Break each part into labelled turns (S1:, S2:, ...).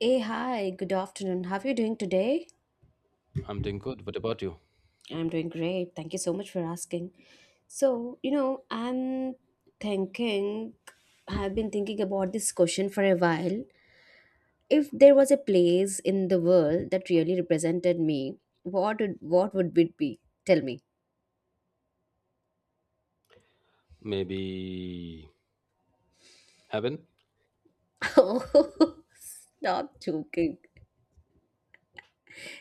S1: Hey, hi, good afternoon. How are you doing today?
S2: I'm doing good. What about you?
S1: I'm doing great. Thank you so much for asking. So, you know, I'm thinking, I've been thinking about this question for a while. If there was a place in the world that really represented me, what would it be? Tell me.
S2: Maybe heaven?
S1: Oh, Stop joking.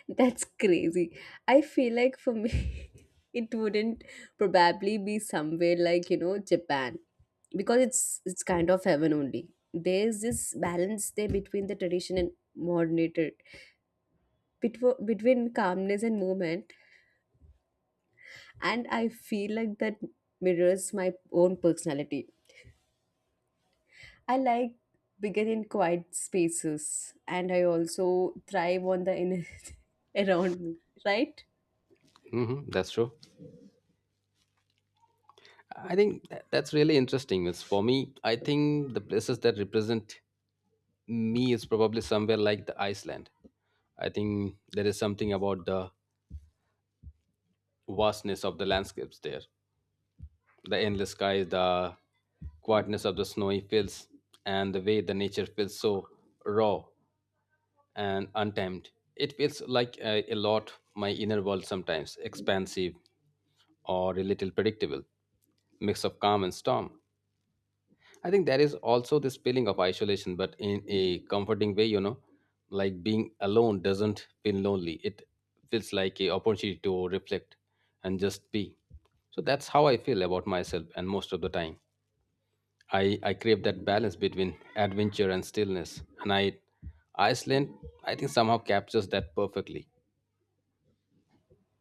S1: That's crazy. I feel like for me, it wouldn't probably be somewhere like, you know, Japan because it's kind of heaven only. There's this balance there between the tradition and modernity, between calmness and movement, and I feel like that mirrors my own personality. I like bigger and quiet spaces, and I also thrive on the inner around me, right?
S2: Hmm, that's true. I think that's really interesting. It's for me, I think the places that represent me is probably somewhere like the Iceland. I think there is something about the vastness of the landscapes there, the endless skies, the quietness of the snowy fields, and the way the nature feels so raw and untamed. It feels like a lot my inner world sometimes, expansive or a little predictable mix of calm and storm. I think there is also this feeling of isolation, but in a comforting way, you know, like being alone doesn't feel lonely. It feels like a opportunity to reflect and just be. So that's how I feel about myself and most of the time. I crave that balance between adventure and stillness. And I Iceland I think somehow captures that perfectly.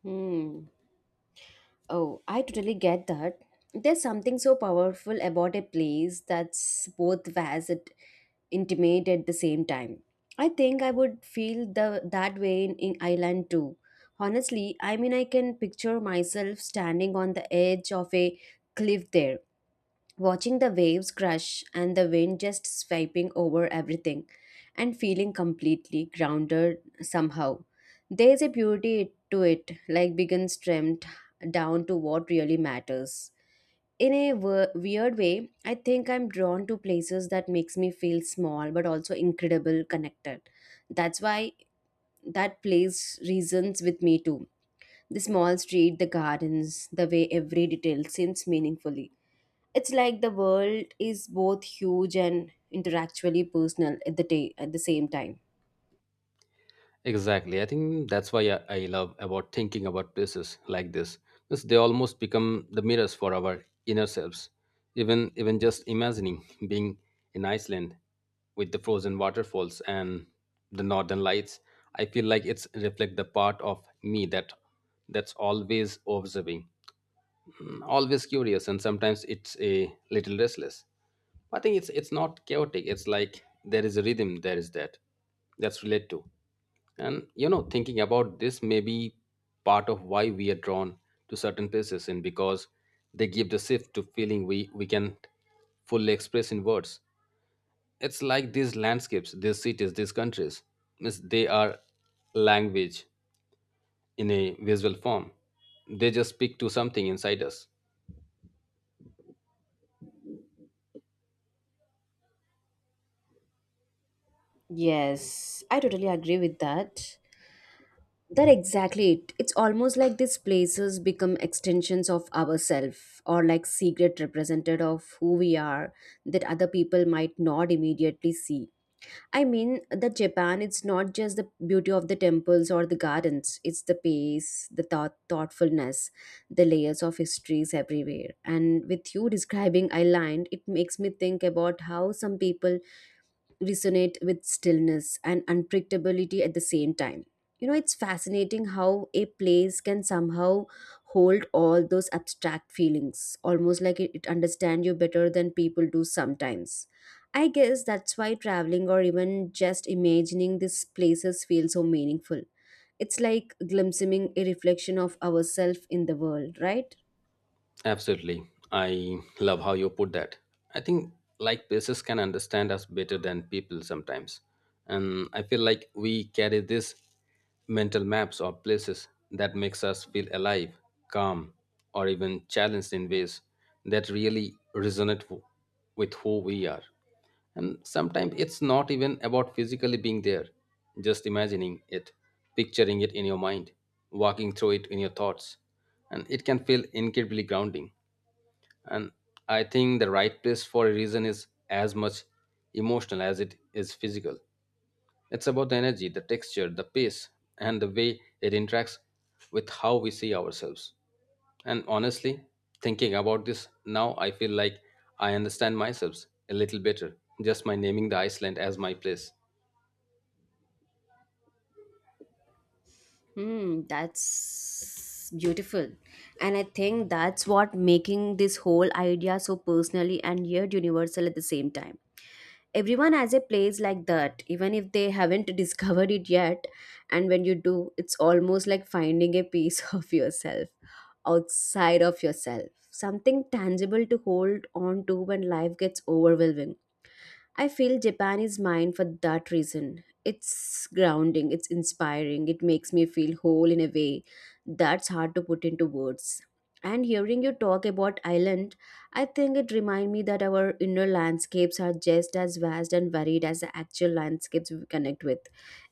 S1: Hmm. Oh, I totally get that. There's something so powerful about a place that's both vast and intimate at the same time. I think I would feel the that way in Ireland too. Honestly, I mean I can picture myself standing on the edge of a cliff there watching the waves crash and the wind just swiping over everything and feeling completely grounded somehow. There's a beauty to it, like being trimmed down to what really matters. In a weird way, I think I'm drawn to places that makes me feel small but also incredible connected. That's why that place reasons with me too. The small street, the gardens, the way every detail seems meaningfully. It's like the world is both huge and intellectually personal at the day at the same time.
S2: Exactly. I think that's why I love about thinking about places like this. Because they almost become the mirrors for our inner selves. Even just imagining being in Iceland with the frozen waterfalls and the northern lights, I feel like it's reflect the part of me that that's always observing, always curious, and sometimes it's a little restless. I think it's not chaotic. It's like there is a rhythm, there is that that's related to. And you know, thinking about this may be part of why we are drawn to certain places, and because they give the shift to feeling we can fully express in words. It's like these landscapes, these cities, these countries means they are language in a visual form. They just speak to something inside us.
S1: Yes, I totally agree with that. That exactly it. It's almost like these places become extensions of ourselves or like secret representative of who we are that other people might not immediately see. I mean that Japan, it's not just the beauty of the temples or the gardens, it's the pace, thoughtfulness, the layers of histories everywhere. And with you describing Island, it makes me think about how some people resonate with stillness and unpredictability at the same time. You know, it's fascinating how a place can somehow hold all those abstract feelings, almost like it understands you better than people do sometimes. I guess that's why traveling or even just imagining these places feels so meaningful. It's like glimpsing a reflection of ourselves in the world, right?
S2: Absolutely. I love how you put that. I think like places can understand us better than people sometimes. And I feel like we carry these mental maps or places that makes us feel alive, calm, or even challenged in ways that really resonate with who we are. And sometimes it's not even about physically being there, just imagining it, picturing it in your mind, walking through it in your thoughts. And it can feel incredibly grounding. And I think the right place for a reason is as much emotional as it is physical. It's about the energy, the texture, the pace, and the way it interacts with how we see ourselves. And honestly, thinking about this now, I feel like I understand myself a little better, just by naming the Iceland as my place.
S1: Hmm, that's beautiful. And I think that's what making this whole idea so personally and yet universal at the same time. Everyone has a place like that, even if they haven't discovered it yet. And when you do, it's almost like finding a piece of yourself outside of yourself, something tangible to hold on to when life gets overwhelming. I feel Japan is mine for that reason. It's grounding, it's inspiring, it makes me feel whole in a way that's hard to put into words. And hearing you talk about Ireland, I think it reminds me that our inner landscapes are just as vast and varied as the actual landscapes we connect with.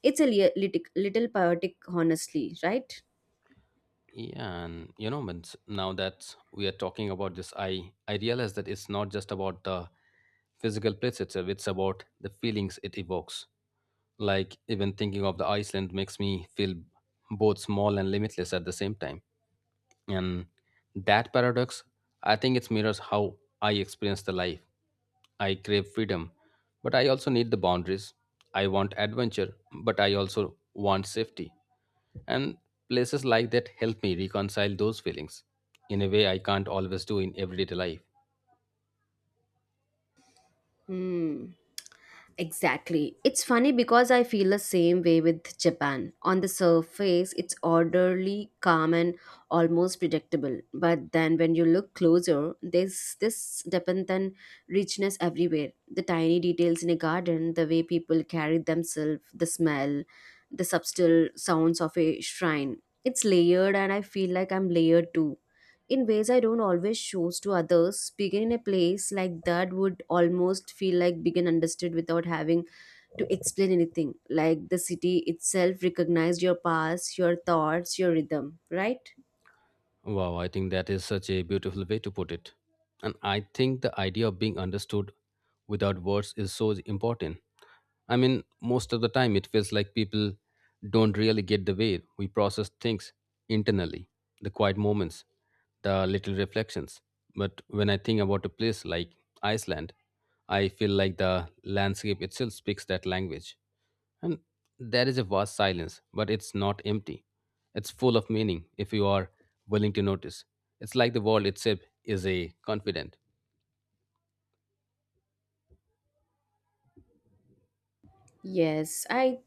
S1: It's a little poetic, honestly, right?
S2: Yeah, and you know, but now that we are talking about this, I realize that it's not just about the physical place itself; it's about the feelings it evokes. Like even thinking of the Iceland makes me feel both small and limitless at the same time. And that paradox, I think it mirrors how I experience the life. I crave freedom, but I also need the boundaries. I want adventure, but I also want safety. And places like that help me reconcile those feelings in a way I can't always do in everyday life.
S1: Hmm. Exactly. It's funny because I feel the same way with Japan. On the surface, it's orderly, calm, and almost predictable. But then when you look closer, there's this depth and richness everywhere. The tiny details in a garden, the way people carry themselves, the smell, the subtle sounds of a shrine. It's layered, and I feel like I'm layered too in ways I don't always choose to others. Speaking in a place like that would almost feel like being understood without having to explain anything. Like the city itself recognized your past, your thoughts, your rhythm, right?
S2: Wow, I think that is such a beautiful way to put it. And I think the idea of being understood without words is so important. I mean, most of the time it feels like people don't really get the way we process things internally, the quiet moments, the little reflections. But when I think about a place like Iceland, I feel like the landscape itself speaks that language. And there is a vast silence, but it's not empty. It's full of meaning if you are willing to notice. It's like the world itself is a confident.
S1: Yes, I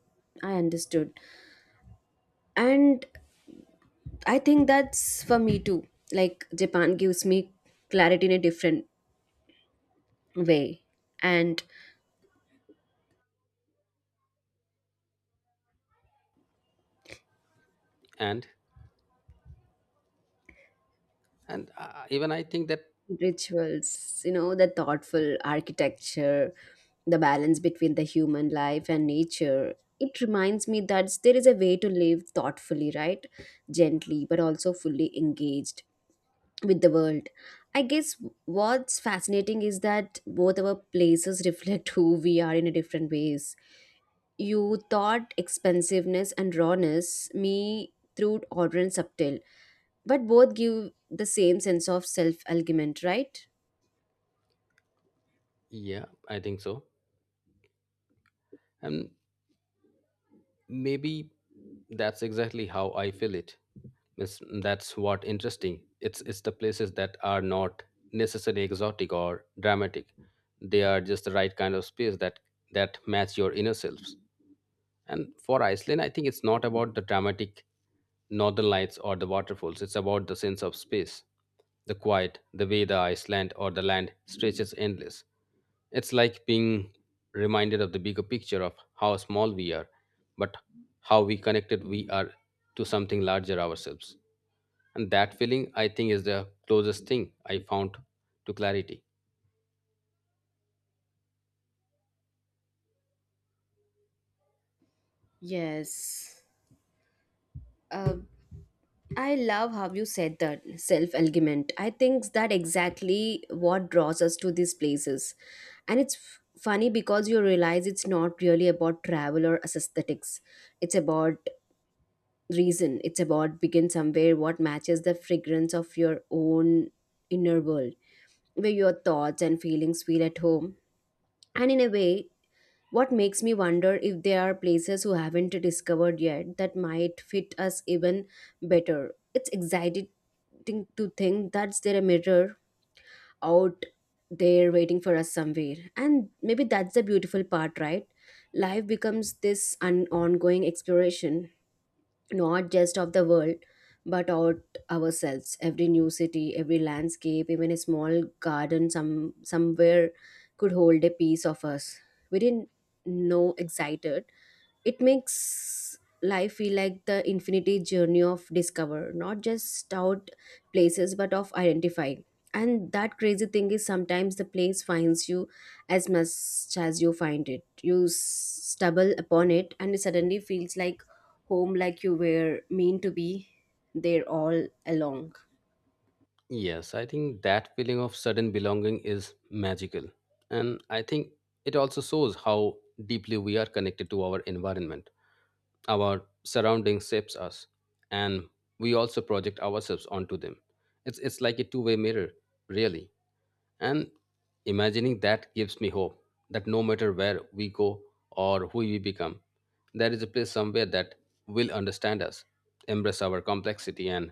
S1: I understood. And I think that's for me too. Like Japan gives me clarity in a different way. And
S2: And even I think that
S1: rituals, you know, the thoughtful architecture, the balance between the human life and nature. It reminds me that there is a way to live thoughtfully, right? Gently, but also fully engaged with the world. I guess what's fascinating is that both our places reflect who we are in a different ways. You thought expensiveness and rawness, me through order and subtle, but both give the same sense of self-argument, right?
S2: yeah, I think so. And maybe that's exactly how I feel it. It's that's what interesting. It's the places that are not necessarily exotic or dramatic. They are just the right kind of space that that match your inner selves. And for Iceland, I think it's not about the dramatic northern lights or the waterfalls, it's about the sense of space, the quiet, the way the Iceland or the land stretches endless. It's like being reminded of the bigger picture of how small we are, but how we connected we are to something larger ourselves. And that feeling, I think, is the closest thing I found to clarity.
S1: Yes. Uh, I love how you said that self argument. I think that exactly what draws us to these places. And it's funny because you realize it's not really about travel or aesthetics. It's about reason. It's about begin somewhere what matches the fragrance of your own inner world, where your thoughts and feelings feel at home. And in a way, What makes me wonder if there are places who haven't discovered yet that might fit us even better. It's exciting to think that's there a mirror out there waiting for us somewhere. And maybe that's the beautiful part, right? Life becomes this an ongoing exploration, not just of the world, but out ourselves. Every new city, every landscape, even a small garden somewhere could hold a piece of us. We didn't know excited it makes life feel like the infinity journey of discover not just out places but of identify and that crazy thing is sometimes the place finds you as much as you find it you stumble upon it and it suddenly feels like home like you were meant to be there all along
S2: Yes, I think that feeling of sudden belonging is magical. And I think it also shows how deeply we are connected to our environment, our surroundings shapes us, and we also project ourselves onto them. It's like a two-way mirror, really. And imagining that gives me hope that no matter where we go or who we become, there is a place somewhere that will understand us, embrace our complexity, and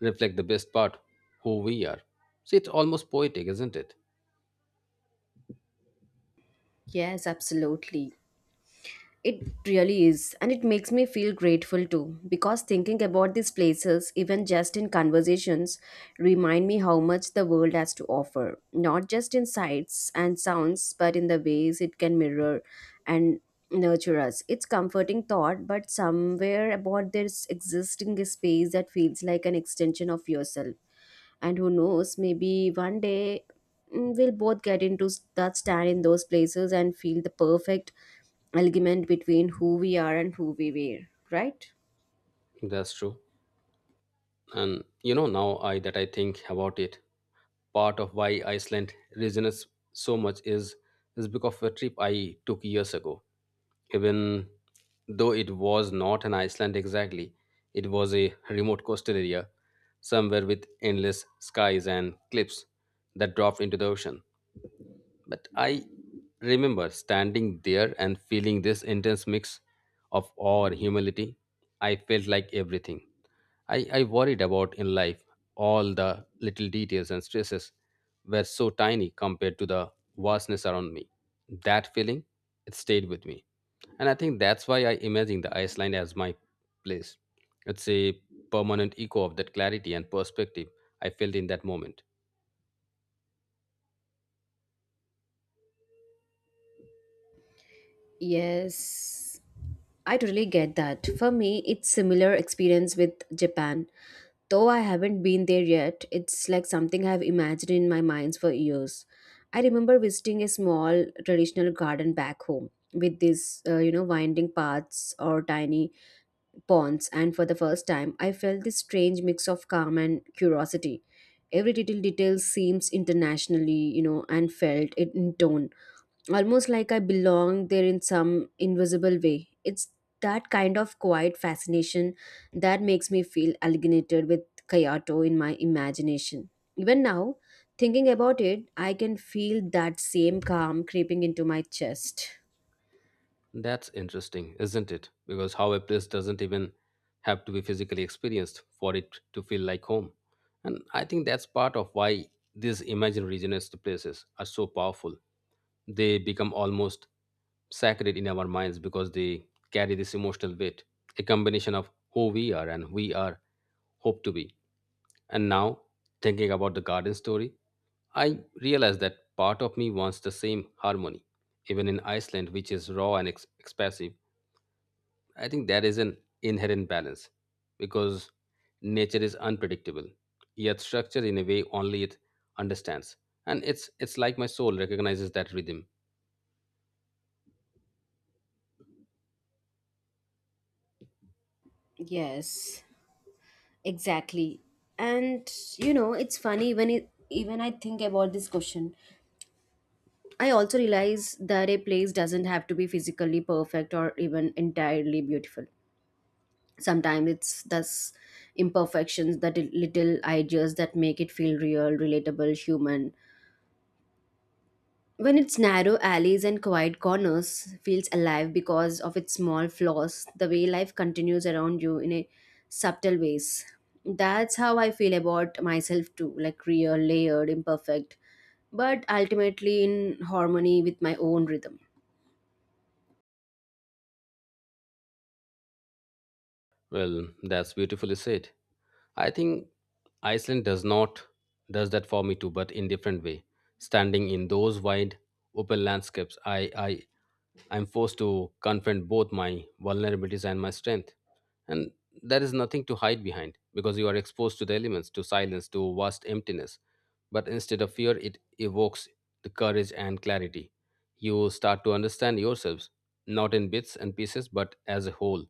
S2: reflect the best part who we are. See, it's almost poetic, isn't it?
S1: yes absolutely It really is, and it makes me feel grateful too, because thinking about these places, even just in conversations, remind me how much the world has to offer, not just in sights and sounds, but in the ways it can mirror and nurture us. It's comforting thought, but somewhere about this existing space that feels like an extension of yourself and who knows maybe one day we'll both get into that stand in those places and feel the perfect alignment between who we are and who we were right
S2: That's true. And you know, now I think about it, part of why Iceland resonates so much is because of a trip I took years ago. Even though it was not an Iceland exactly, it was a remote coastal area somewhere with endless skies and cliffs that dropped into the ocean. But I remember standing there and feeling this intense mix of awe and humility. I felt like everything I worried about in life, all the little details and stresses, were so tiny compared to the vastness around me. That feeling, it stayed with me. And I think that's why I imagine the Iceland as my place. It's a permanent echo of that clarity and perspective I felt in that moment.
S1: Yes, I totally get that. For me, it's similar experience with Japan. Though I haven't been there yet, it's like something I've imagined in my minds for years. I remember visiting a small traditional garden back home with these, you know, winding paths or tiny ponds, and for the first time, I felt this strange mix of calm and curiosity. Every little detail seems internationally, you know, and felt it in tone, almost like I belong there in some invisible way. It's that kind of quiet fascination that makes me feel alienated with Kyoto in my imagination. Even now, thinking about it, I can feel that same calm creeping into my chest.
S2: That's interesting, isn't it? Because how a place doesn't even have to be physically experienced for it to feel like home. And I think that's part of why these imaginary regions to places are so powerful. They become almost sacred in our minds because they carry this emotional weight, a combination of who we are and we are hope to be. And now, thinking about the garden story, I realize that part of me wants the same harmony, even in Iceland, which is raw and expressive. I think there is an inherent balance because nature is unpredictable, yet structured in a way only it understands. And it's like my soul recognizes that rhythm.
S1: Yes. Exactly. And you know, it's funny when it, even I think about this question. I also realize that a place doesn't have to be physically perfect or even entirely beautiful. Sometimes it's thus imperfections, that little ideas that make it feel real, relatable, human. When its narrow alleys and quiet corners feels alive because of its small flaws, the way life continues around you in a subtle ways. That's how I feel about myself too, like real, layered, imperfect, but ultimately in harmony with my own rhythm.
S2: Well, that's beautifully said. I think Iceland does not does that for me too, but in different way. Standing in those wide open landscapes, I'm forced to confront both my vulnerabilities and my strength. And there is nothing to hide behind because you are exposed to the elements, to silence, to vast emptiness. But instead of fear, it evokes the courage and clarity. You start to understand yourselves, not in bits and pieces, but as a whole.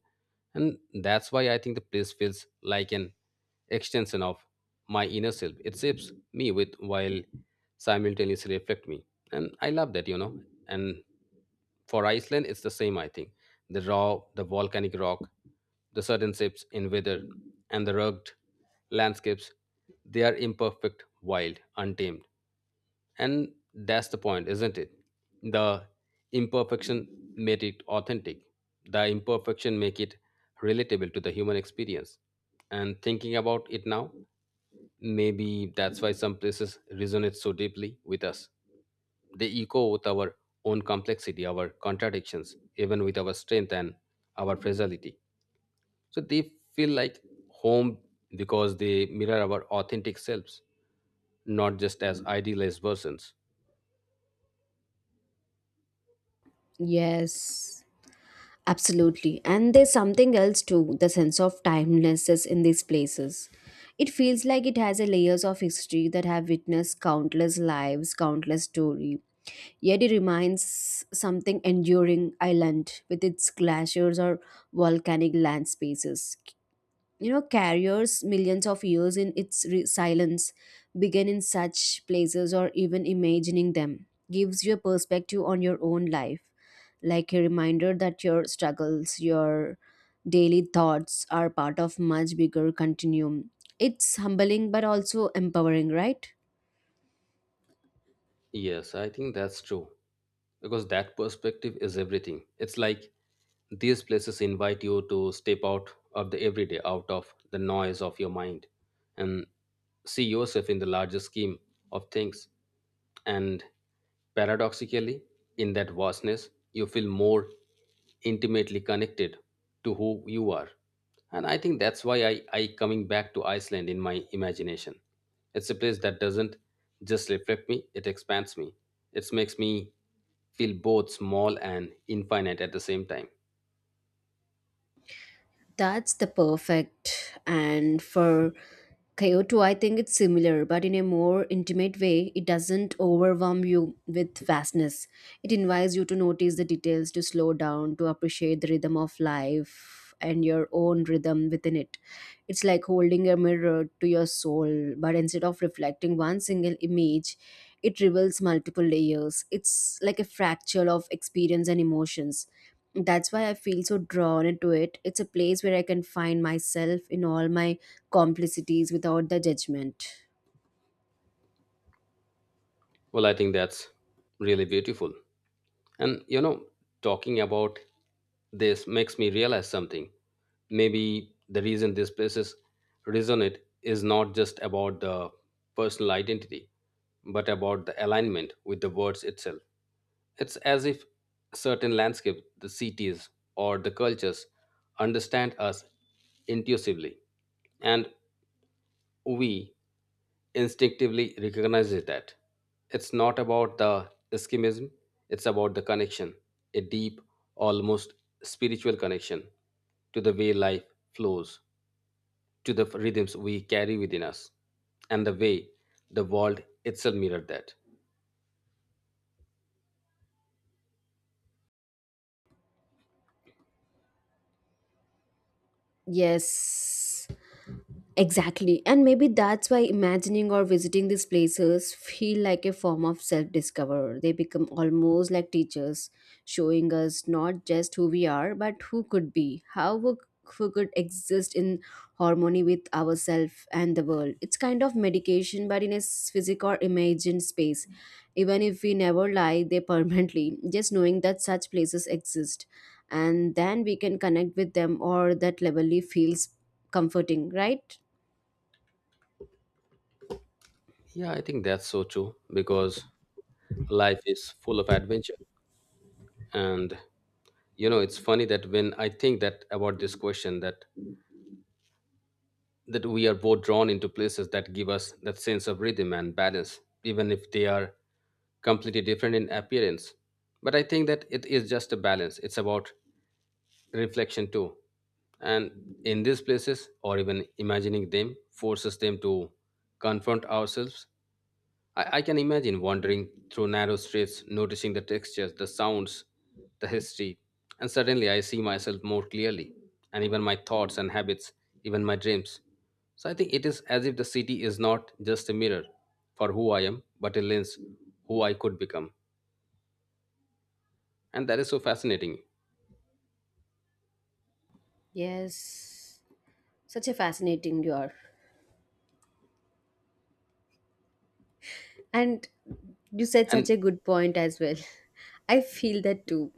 S2: And that's why I think the place feels like an extension of my inner self. It shapes me with while simultaneously reflect me. And I love that, you know. And for Iceland, it's the same, I think. The raw, the volcanic rock, the sudden shifts in weather, and the rugged landscapes, they are imperfect, wild, untamed. And that's the point, isn't it? The imperfection made it authentic. The imperfection make it relatable to the human experience. And thinking about it now, maybe that's why some places resonate so deeply with us. They echo with our own complexity, our contradictions, even with our strength and our fragility. So they feel like home because they mirror our authentic selves, not just as idealized versions.
S1: Yes. Absolutely. And there's something else too the sense of timelessness in these places. It feels like it has a layers of history that have witnessed countless lives, countless story. Yet it remains something enduring island with its glaciers or volcanic land spaces you know carriers millions of years in its silence begin in such places or even imagining them gives you a perspective on your own life like a reminder that your struggles your daily thoughts are part of much bigger continuum it's humbling but also empowering right
S2: Yes, I think that's true. Because that perspective is everything. It's like these places invite you to step out of the everyday, out of the noise of your mind, and see yourself in the larger scheme of things. And paradoxically, in that vastness, you feel more intimately connected to who you are. And I think that's why I coming back to Iceland in my imagination. It's a place that doesn't just reflect me, it expands me. It makes me feel both small and infinite at the same time.
S1: That's the perfect. And for Kyoto, I think it's similar, but in a more intimate way. It doesn't overwhelm you with vastness. It invites you to notice the details, to slow down, to appreciate the rhythm of life and your own rhythm within it. It's like holding a mirror to your soul, but instead of reflecting one single image, it reveals multiple layers. It's like a fractal of experience and emotions that's why I feel so drawn into it. It's a place where I can find myself in all my complicities without the judgment.
S2: Well, I think that's really beautiful. And you know, talking about this makes me realize something. Maybe the reason these places resonate is not just about the personal identity, but about the alignment with the words itself. It's as if certain landscape, the cities or the cultures understand us intuitively, and we instinctively recognizes that it's not about the eschimism, it's about the connection, a deep, almost spiritual connection to the way life flows, to the rhythms we carry within us, and the way the world itself mirrored that.
S1: Yes. Exactly. And maybe that's why imagining or visiting these places feel like a form of self-discover. They become almost like teachers, showing us not just who we are, but who could be, how we, who could exist in harmony with ourselves and the world. It's kind of medication, but in a physic or imagined space. Even if we never lie there permanently, just knowing that such places exist. And then we can connect with them or that levelly feels comforting, right?
S2: Yeah, I think that's so true because life is full of adventure. And you know, it's funny that when I think that about this question that that we are both drawn into places that give us that sense of rhythm and balance, even if they are completely different in appearance. But I think that it is just a balance, it's about reflection too. And in these places, or even imagining them, forces them to confront ourselves. I can imagine wandering through narrow streets, noticing the textures, the sounds, the history, and suddenly I see myself more clearly, and even my thoughts and habits, even my dreams. So I think it is as if the city is not just a mirror for who I am, but a lens who I could become. And that is so fascinating.
S1: Yes, such a fascinating you are. And you said such
S2: And
S1: a good point as well. I feel that too.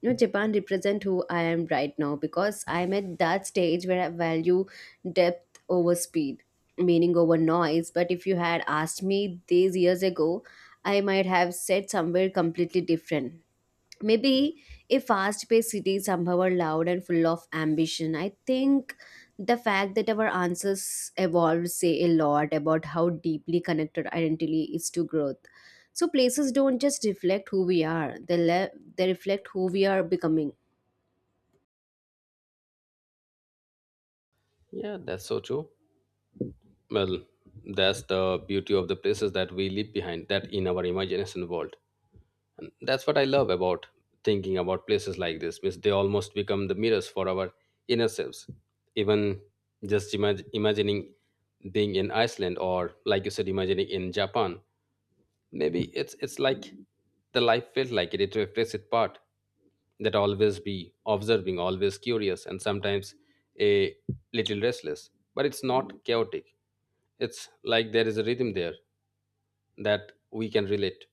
S1: You know, Japan represent who I am right now because I'm at that stage where I value depth over speed, meaning over noise. But if you had asked me these years ago, I might have said somewhere completely different. Maybe a fast-paced cities somehow are loud and full of ambition. I think the fact that our answers evolve say a lot about how deeply connected identity is to growth. So places don't just reflect who we are, they reflect who we are becoming.
S2: yeah, that's so true. Well, that's the beauty of the places that we leave behind, that in our imagination world. And that's what I love about thinking about places like this, because they almost become the mirrors for our inner selves. Even just imagining being in Iceland or, like you said, imagining in Japan, maybe it's like the life felt like it. It reflects its part that always be observing, always curious, and sometimes a little restless. But it's not chaotic. It's like there is a rhythm there that we can relate.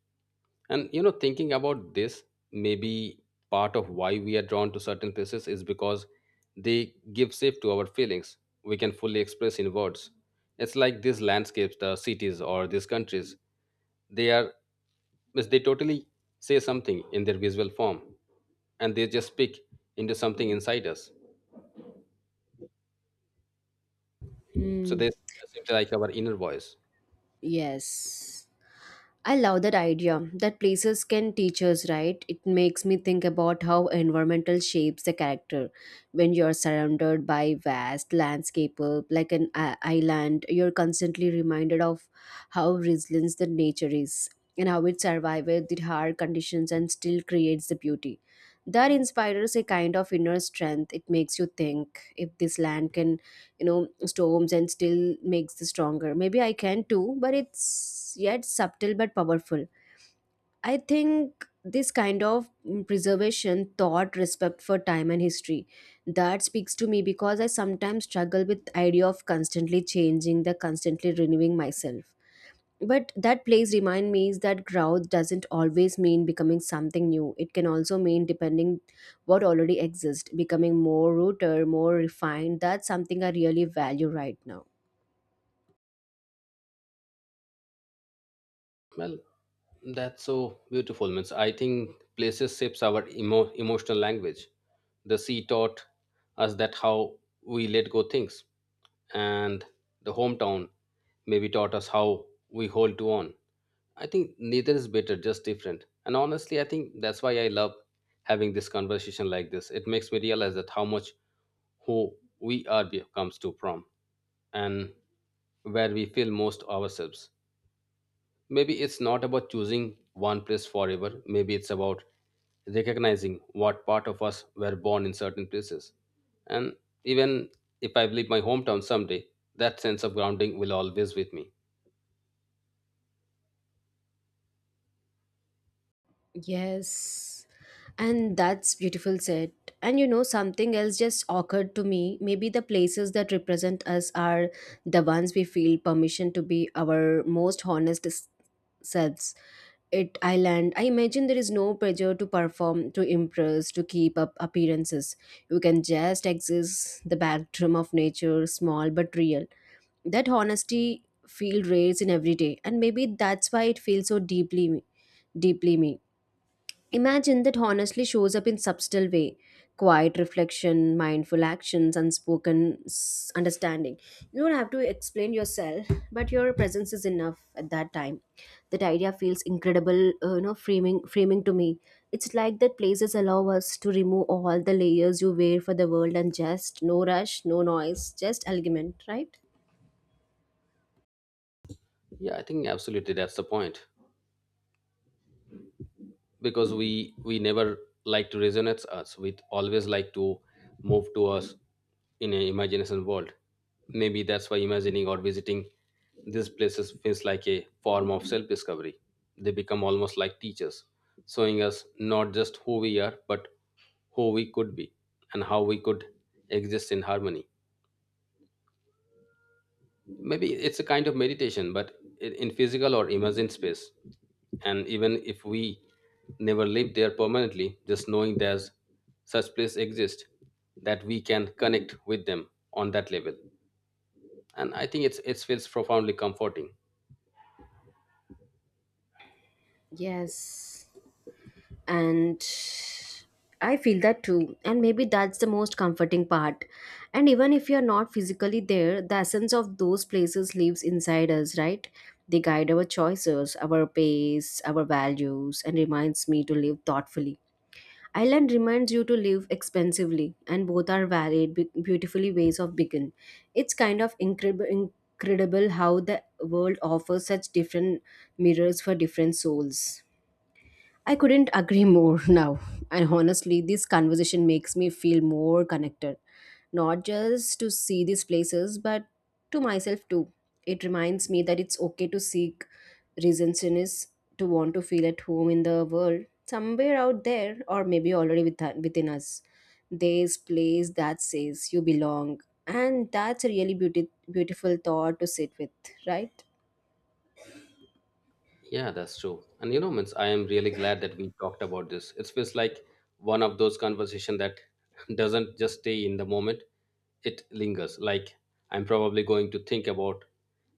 S2: And you know, thinking about this, maybe part of why we are drawn to certain places is because they give shape to our feelings we can fully express in words. It's like these landscapes, the cities, or these countries. They are, means they totally say something in their visual form, and they just speak into something inside us. So
S1: Hmm.
S2: this seems like our inner voice.
S1: Yes, I love that idea that places can teach us, right? It makes me think about how environmental shapes the character. When you're surrounded by vast landscape like an island, you're constantly reminded of how resilient the nature is and how it survives the hard conditions and still creates the beauty. That inspires a kind of inner strength. It makes you think if this land can storms and still makes the stronger, maybe I can too. But it's yet subtle but powerful. I think this kind of preservation thought, respect for time and history, that speaks to me because I sometimes struggle with idea of constantly changing, the constantly renewing myself. But that place remind me is that growth doesn't always mean becoming something new. It can also mean depending what already exists, becoming more rooted, more refined. That's something I really value right now.
S2: Well, that's so beautiful, means I think places shapes our emotional language. The sea taught us that how we let go things, and the hometown maybe taught us how we hold to on. I think neither is better, just different. And honestly, I think that's why I love having this conversation like this. It makes me realize that how much who we are comes to from and where we feel most ourselves. Maybe it's not about choosing one place forever. Maybe it's about recognizing what part of us were born in certain places. And even if I leave my hometown someday, that sense of grounding will always with me.
S1: Yes. And that's beautiful said. And you know, something else just occurred to me. Maybe the places that represent us are the ones we feel permission to be our most selves. It island, I imagine there is no pressure to perform, to impress, to keep up appearances. You can just exist the backdrum of nature, small but real. That honesty feel rares in every day, and maybe that's why it feels so deeply me, deeply me. Imagine that honestly shows up in subtle way: quiet reflection, mindful actions, understanding. You don't have to explain yourself, but your presence is enough at that time. That idea feels incredible, you know, framing to me. It's like that places allow us to remove all the layers you wear for the world and just no rush, no noise, just argument, right?
S2: Yeah, I think absolutely that's the point, because we never like to resonate us, we always like to move to us in an imagination world. Maybe that's why imagining or visiting these places feels like a form of self discovery. They become almost like teachers, showing us not just who we are but who we could be and how we could exist in harmony. Maybe it's a kind of meditation, but in physical or imagined space. And even if we never live there permanently, just knowing there's such place exist that we can connect with them on that level. And I think it feels profoundly comforting.
S1: Yes. And I feel that too, and maybe that's the most comforting part. And even if you're not physically there, the essence of those places lives inside us, right? They guide our choices, our pace, our values, and reminds me to live thoughtfully. Island reminds you to live expensively, and both are varied, beautifully ways of begin. It's kind of incredible how the world offers such different mirrors for different souls. I couldn't agree more now. And honestly, this conversation makes me feel more connected, not just to see these places, but to myself too. It reminds me that it's okay to seek reasons in is, to want to feel at home in the world, somewhere out there, or maybe already with, within us. There's place that says you belong, and that's a really beauty, beautiful thought to sit with, right?
S2: Yeah, that's true. And you know, means I am really glad that we talked about this. It feels like one of those conversation that doesn't just stay in the moment; it lingers. Like I'm probably going to think about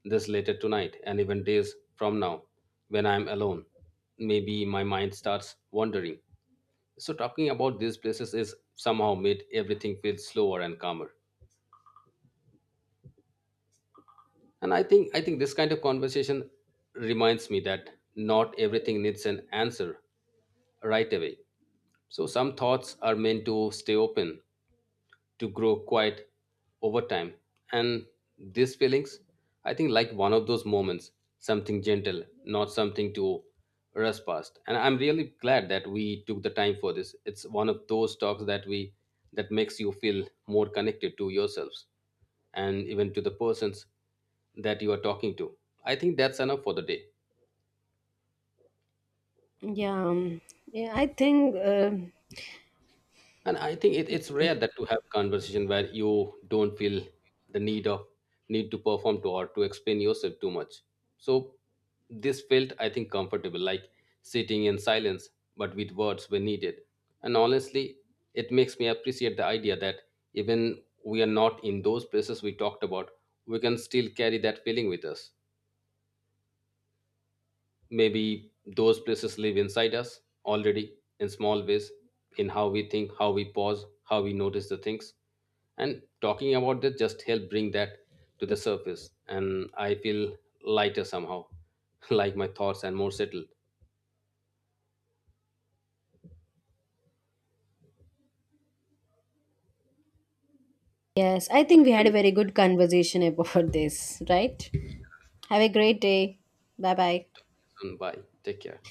S2: this later tonight, and even days from now, when I'm alone. Maybe my mind starts wandering. So talking about these places is somehow made everything feel slower and calmer. And I think this kind of conversation reminds me that not everything needs an answer right away. So some thoughts are meant to stay open, to grow quiet over time. And these feelings, I think like one of those moments, something gentle, not something to rush past. And I'm really glad that we took the time for this. It's one of those talks that makes you feel more connected to yourselves and even to the persons that you are talking to. I think that's enough for the day.
S1: Yeah, um, yeah. I think.
S2: And I think it's rare that to have conversation where you don't feel the need of need to perform to or to explain yourself too much. So this felt, I think, comfortable like sitting in silence but with words when needed. And honestly, it makes me appreciate the idea that even we are not in those places we talked about, we can still carry that feeling with us. Maybe those places live inside us already in small ways, in how we think, how we pause, how we notice the things. And talking about that just help bring that to the surface, and I feel lighter somehow, like my thoughts and more settled.
S1: Yes, I think we had a very good conversation about this, right? Have a great day. Bye bye.
S2: Bye. Take care.